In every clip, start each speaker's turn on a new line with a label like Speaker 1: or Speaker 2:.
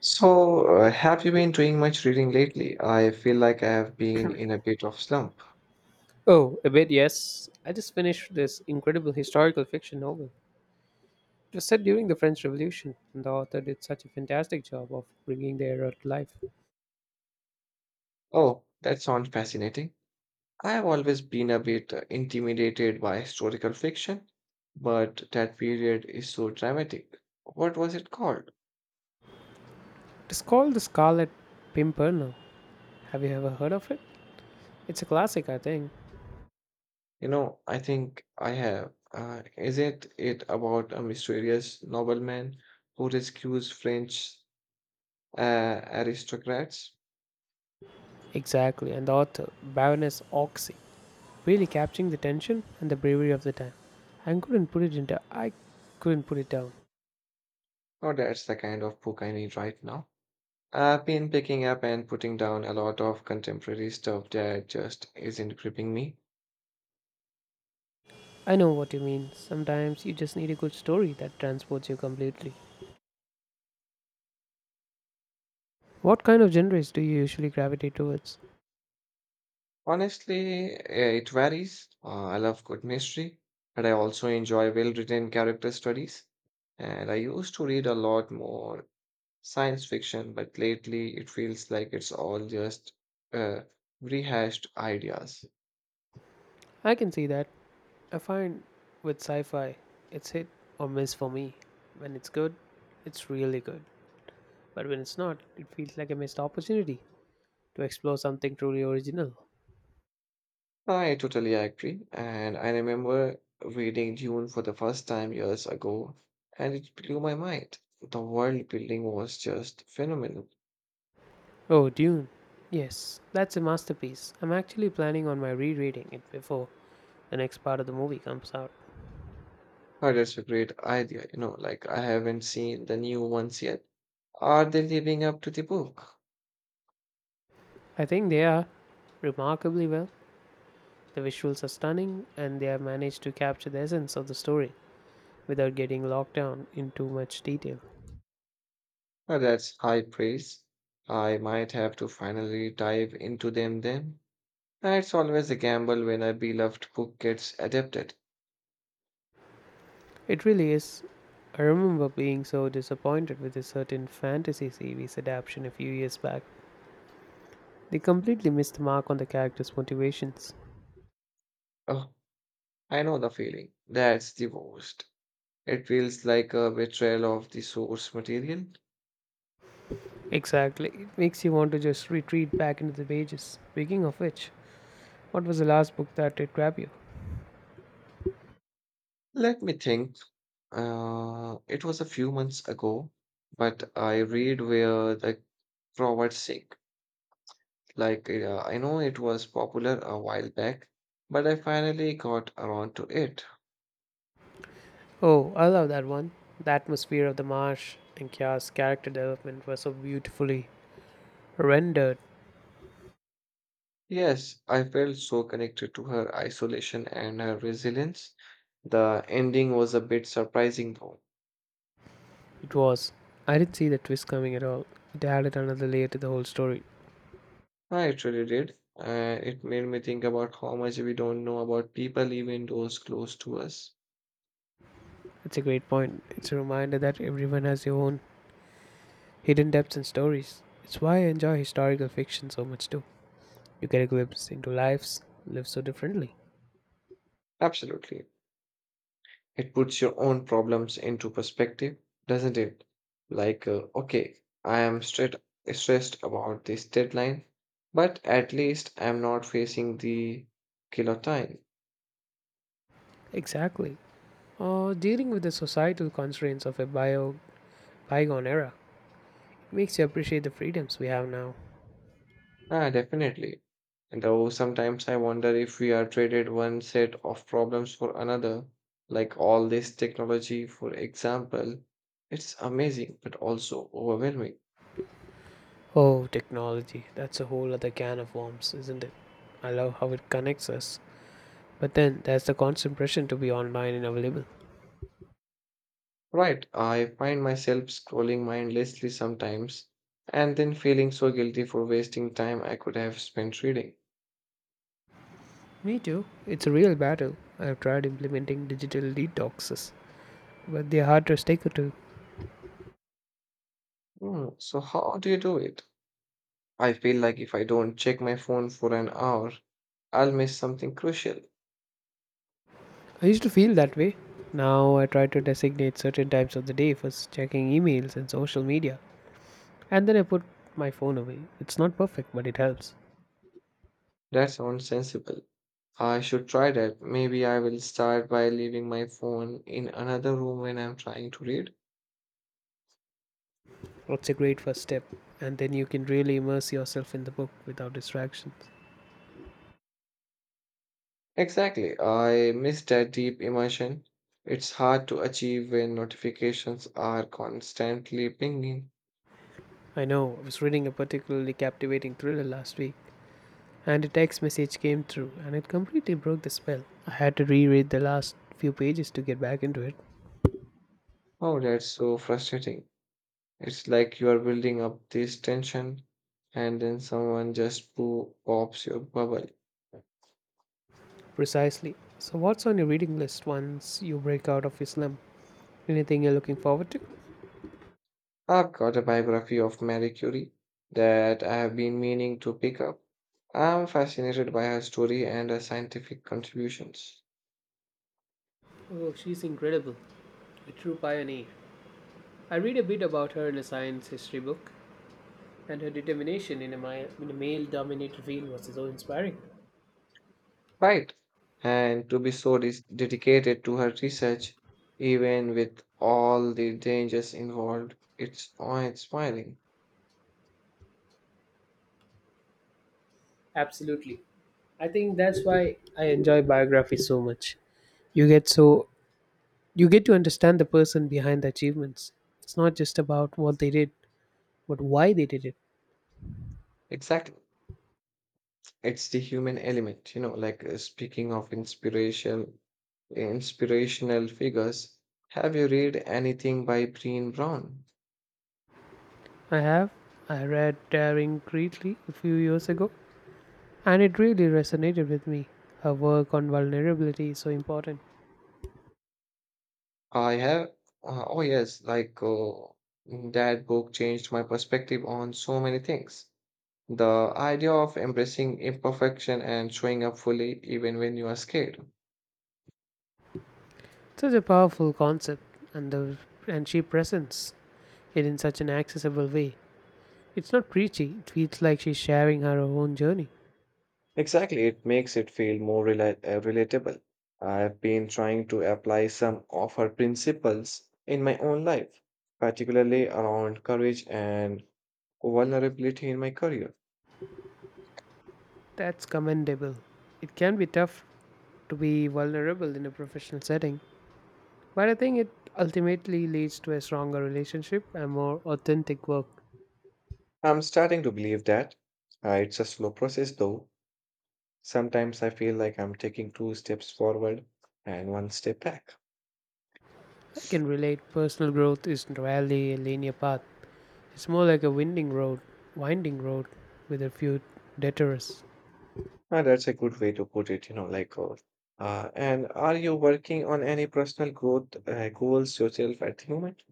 Speaker 1: So, have you been doing much reading lately? I feel like I have been in a bit of slump.
Speaker 2: Oh, a bit, yes. I just finished this incredible historical fiction novel. It was set during the French Revolution, and the author did such a fantastic job of bringing the era to life.
Speaker 1: Oh, that sounds fascinating. I have always been a bit intimidated by historical fiction, but that period is so dramatic. What was it called?
Speaker 2: It's called The Scarlet Pimpernel. Have you ever heard of it? It's a classic, I think.
Speaker 1: You know, I think I have. Is it about a mysterious nobleman who rescues French aristocrats?
Speaker 2: Exactly, and the author, Baroness Oxy, really capturing the tension and the bravery of the time. I couldn't put it down.
Speaker 1: Oh, that's the kind of book I need right now. I've been picking up and putting down a lot of contemporary stuff that just isn't gripping me.
Speaker 2: I know what you mean. Sometimes you just need a good story that transports you completely. What kind of genres do you usually gravitate towards?
Speaker 1: Honestly, it varies. I love good mystery, but I also enjoy well-written character studies. And I used to read a lot more science fiction, but lately it feels like it's all just uh, rehashed ideas.
Speaker 2: I can see that. I find with sci fi, it's hit or miss for me. When it's good, it's really good. But when it's not, it feels like a missed opportunity to explore something truly original.
Speaker 1: I totally agree. And I remember reading Dune for the first time years ago, and it blew my mind. The world building was just phenomenal.
Speaker 2: Oh, Dune. Yes, that's a masterpiece. I'm actually planning on my rereading it before the next part of the movie comes out.
Speaker 1: Oh, that's a great idea. You know, like I haven't seen the new ones yet. Are they living up to the book?
Speaker 2: I think they are remarkably well. The visuals are stunning, and they have managed to capture the essence of the story without getting locked down in too much detail.
Speaker 1: Oh, that's high praise. I might have to finally dive into them then. It's always a gamble when a beloved book gets adapted.
Speaker 2: It really is. I remember being so disappointed with a certain fantasy series adaptation a few years back. They completely missed the mark on the characters' motivations.
Speaker 1: Oh, I know the feeling. That's the worst. It feels like a betrayal of the source material.
Speaker 2: Exactly. It makes you want to just retreat back into the pages. Speaking of which, what was the last book that did grab you?
Speaker 1: Let me think. It was a few months ago, but I read Where the Crawdads Sing. I know it was popular a while back, but I finally got around to it.
Speaker 2: Oh, I love that one. The atmosphere of the marsh and Kya's character development were so beautifully rendered.
Speaker 1: Yes, I felt so connected to her isolation and her resilience. The ending was a bit surprising, though.
Speaker 2: It was. I didn't see the twist coming at all. It added another layer to the whole story.
Speaker 1: I actually did. It made me think about how much we don't know about people, even those close to us.
Speaker 2: It's a great point. It's a reminder that everyone has their own hidden depths in stories. It's why I enjoy historical fiction so much too. You get a glimpse into lives lived so differently.
Speaker 1: Absolutely. It puts your own problems into perspective, doesn't it? Okay, I am straight, stressed about this deadline, but at least I'm not facing the killer time.
Speaker 2: Exactly. Or dealing with the societal constraints of a bio bygone era. It makes you appreciate the freedoms we have now.
Speaker 1: Ah, definitely. And though sometimes I wonder if we are traded one set of problems for another, like all this technology, for example, it's amazing but also overwhelming.
Speaker 2: Oh, technology. That's a whole other can of worms, isn't it? I love how it connects us. But then there's the constant pressure to be online and available.
Speaker 1: Right, I find myself scrolling mindlessly sometimes and then feeling so guilty for wasting time I could have spent reading.
Speaker 2: Me too. It's a real battle. I've tried implementing digital detoxes, but they're hard to stick to.
Speaker 1: Hmm, so how do you do it? I feel like if I don't check my phone for an hour, I'll miss something crucial.
Speaker 2: I used to feel that way. Now I try to designate certain times of the day for checking emails and social media, and then I put my phone away. It's not perfect, but it helps.
Speaker 1: That sounds sensible. I should try that. Maybe I will start by leaving my phone in another room when I'm trying to read.
Speaker 2: It's a great first step, and then you can really immerse yourself in the book without distractions.
Speaker 1: Exactly, I miss that deep immersion. It's hard to achieve when notifications are constantly pinging.
Speaker 2: I know, I was reading a particularly captivating thriller last week, and a text message came through, and it completely broke the spell. I had to reread the last few pages to get back into it.
Speaker 1: Oh, that's so frustrating. It's like you are building up this tension and then someone just pops your bubble.
Speaker 2: Precisely. So, what's on your reading list once you break out of your slump? Anything you're looking forward to?
Speaker 1: I've got a biography of Marie Curie that I have been meaning to pick up. I'm fascinated by her story and her scientific contributions.
Speaker 2: Oh, she's incredible, a true pioneer. I read a bit about her in a science history book, and her determination in in a male dominated field was so inspiring.
Speaker 1: Right. And to be so dedicated to her research, even with all the dangers involved, it's awe-inspiring.
Speaker 2: Absolutely. I think that's why I enjoy biographies so much. You get so you get to understand the person behind the achievements. It's not just about what they did, but why they did it.
Speaker 1: Exactly. It's the human element, speaking of inspiration, inspirational figures. Have you read anything by Breen Brown?
Speaker 2: I have I read Daring Greatly a few years ago, and it really resonated with me. Her work on vulnerability is so important.
Speaker 1: I have. Oh, yes, that book changed my perspective on so many things. The idea of embracing imperfection and showing up fully even when you are scared.
Speaker 2: Such a powerful concept, and the and she presents it in such an accessible way. It's not preachy, it feels like she's sharing her own journey.
Speaker 1: Exactly, it makes it feel more relatable. I've been trying to apply some of her principles in my own life, particularly around courage and vulnerability in my career.
Speaker 2: That's commendable. It can be tough to be vulnerable in a professional setting, but I think it ultimately leads to a stronger relationship and more authentic work.
Speaker 1: I'm starting to believe that. It's a slow process though. Sometimes I feel like I'm taking two steps forward and one step back.
Speaker 2: I can relate. Personal growth is rarely a linear path. It's more like a winding road, winding road with a few detours.
Speaker 1: That's a good way to put it, and are you working on any personal growth goals yourself at the moment?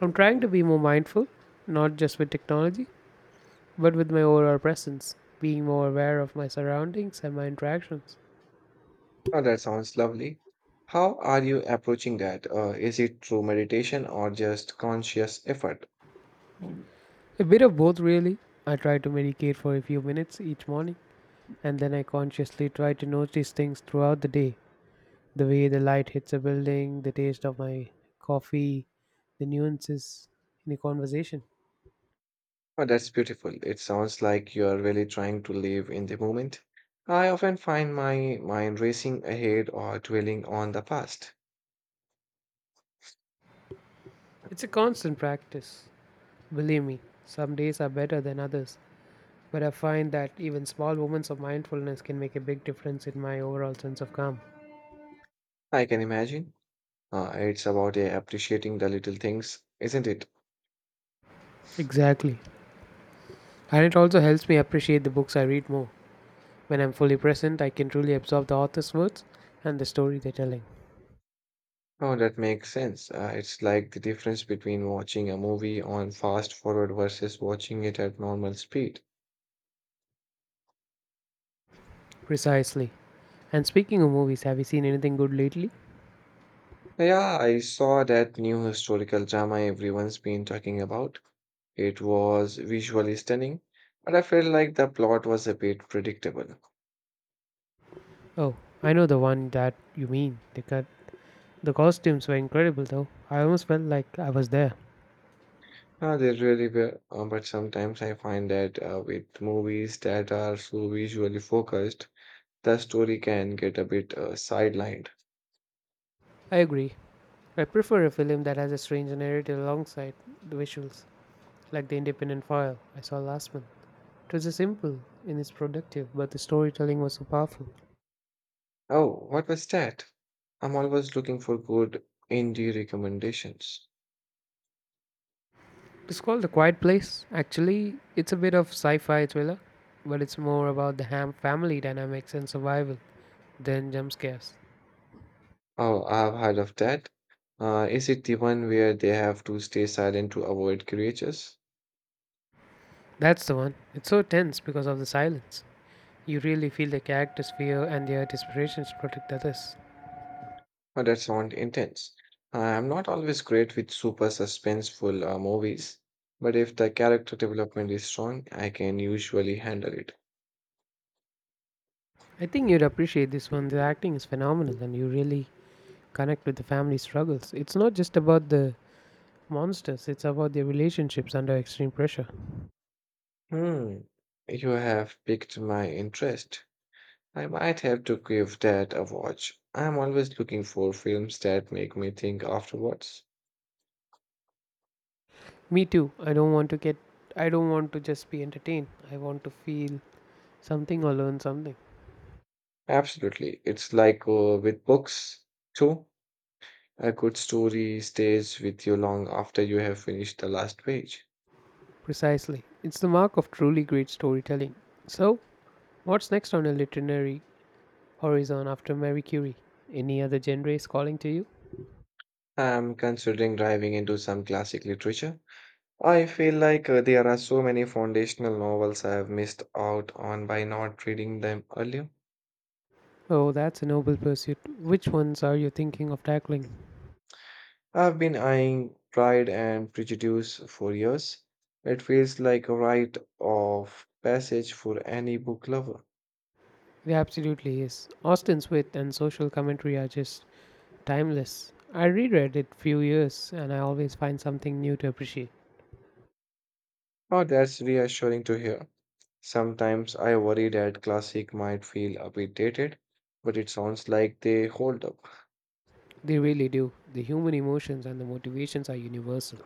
Speaker 2: I'm trying to be more mindful, not just with technology, but with my overall presence, being more aware of my surroundings and my interactions.
Speaker 1: Oh, that sounds lovely. How are you approaching that? Is it through meditation or just conscious effort? Mm.
Speaker 2: A bit of both, really. I try to meditate for a few minutes each morning, and then I consciously try to notice things throughout the day, the way the light hits a building, the taste of my coffee, the nuances in a conversation.
Speaker 1: Oh, that's beautiful. It sounds like you are really trying to live in the moment. I often find my mind racing ahead or dwelling on the past.
Speaker 2: It's a constant practice. Believe me, some days are better than others, but I find that even small moments of mindfulness can make a big difference in my overall sense of calm.
Speaker 1: I can imagine. It's about appreciating the little things, isn't it?
Speaker 2: Exactly. And it also helps me appreciate the books I read more. When I'm fully present, I can truly absorb the author's words and the story they're telling.
Speaker 1: Oh, that makes sense. It's like the difference between watching a movie on fast forward versus watching it at normal speed.
Speaker 2: Precisely. And speaking of movies, have you seen anything good lately?
Speaker 1: Yeah, I saw that new historical drama everyone's been talking about. It was visually stunning, but I felt like the plot was a bit predictable.
Speaker 2: Oh, I know the one that you mean. The costumes were incredible, though. I almost felt like I was there.
Speaker 1: They really were, but sometimes I find that with movies that are so visually focused, the story can get a bit sidelined.
Speaker 2: I agree. I prefer a film that has a strange narrative alongside the visuals, like The Independent File I saw last month. It was a simple and it's productive, but the storytelling was so powerful.
Speaker 1: Oh, what was that? I'm always looking for good indie recommendations.
Speaker 2: It's called The Quiet Place. Actually, it's a bit of sci fi thriller, but it's more about the ham family dynamics and survival than jump scares.
Speaker 1: Oh, I've heard of that. Is it the one where they have to stay silent to avoid creatures?
Speaker 2: That's the one. It's so tense because of the silence. You really feel the characters' fear and their desperation to protect others.
Speaker 1: Oh, that sounds intense. I'm not always great with super suspenseful movies, but if the character development is strong, I can usually handle it.
Speaker 2: I think you'd appreciate this one. The acting is phenomenal and you really connect with the family struggles. It's not just about the monsters, it's about their relationships under extreme pressure.
Speaker 1: Hmm, you have piqued my interest. I might have to give that a watch. I'm always looking for films that make me think afterwards.
Speaker 2: Me too. I don't want to just be entertained. I want to feel something or learn something.
Speaker 1: Absolutely. It's like with books, too. A good story stays with you long after you have finished the last page.
Speaker 2: Precisely. It's the mark of truly great storytelling. So, what's next on your literary horizon after Marie Curie? Any other genre is calling to you?
Speaker 1: I'm considering diving into some classic literature. I feel like there are so many foundational novels I have missed out on by not reading them earlier.
Speaker 2: Oh, that's a noble pursuit. Which ones are you thinking of tackling?
Speaker 1: I've been eyeing Pride and Prejudice for years. It feels like a rite of passage for any book lover.
Speaker 2: It absolutely is. Austen's wit and social commentary are just timeless. I reread it few years and I always find something new to appreciate.
Speaker 1: Oh, that's reassuring to hear. Sometimes I worry that classic might feel a bit dated, but it sounds like they hold up.
Speaker 2: They really do. The human emotions and the motivations are universal.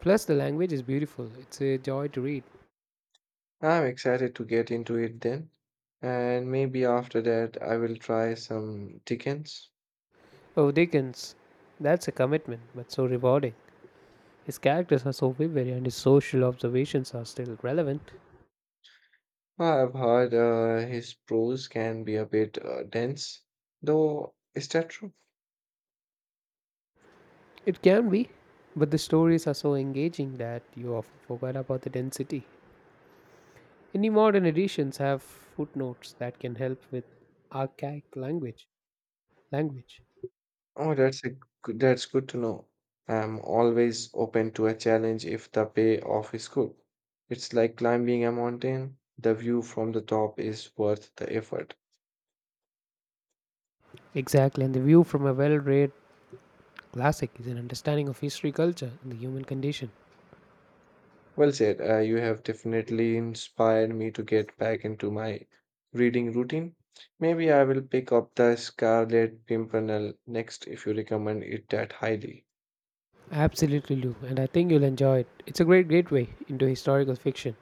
Speaker 2: Plus, the language is beautiful. It's a joy to read.
Speaker 1: I'm excited to get into it then, and maybe after that I will try some Dickens.
Speaker 2: Oh, Dickens. That's a commitment, but so rewarding. His characters are so vivid and his social observations are still relevant.
Speaker 1: I've heard his prose can be a bit dense, though. Is that true?
Speaker 2: It can be, but the stories are so engaging that you often forget about the density. Any modern editions have footnotes that can help with archaic language.
Speaker 1: Oh, that's good to know. I'm always open to a challenge if the payoff is good. It's like climbing a mountain. The view from the top is worth the effort.
Speaker 2: Exactly, and the view from a well read classic is an understanding of history, culture, and the human condition.
Speaker 1: Well said. You have definitely inspired me to get back into my reading routine. Maybe I will pick up the Scarlet Pimpernel next if you recommend it that highly.
Speaker 2: Absolutely, Lou, and I think you'll enjoy it. It's a great gateway into historical fiction,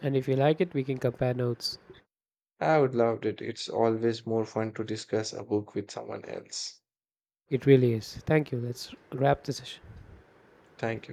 Speaker 2: and if you like it, we can compare notes.
Speaker 1: I would love it. It's always more fun to discuss a book with someone else.
Speaker 2: It really is. Thank you. Let's wrap the session.
Speaker 1: Thank you.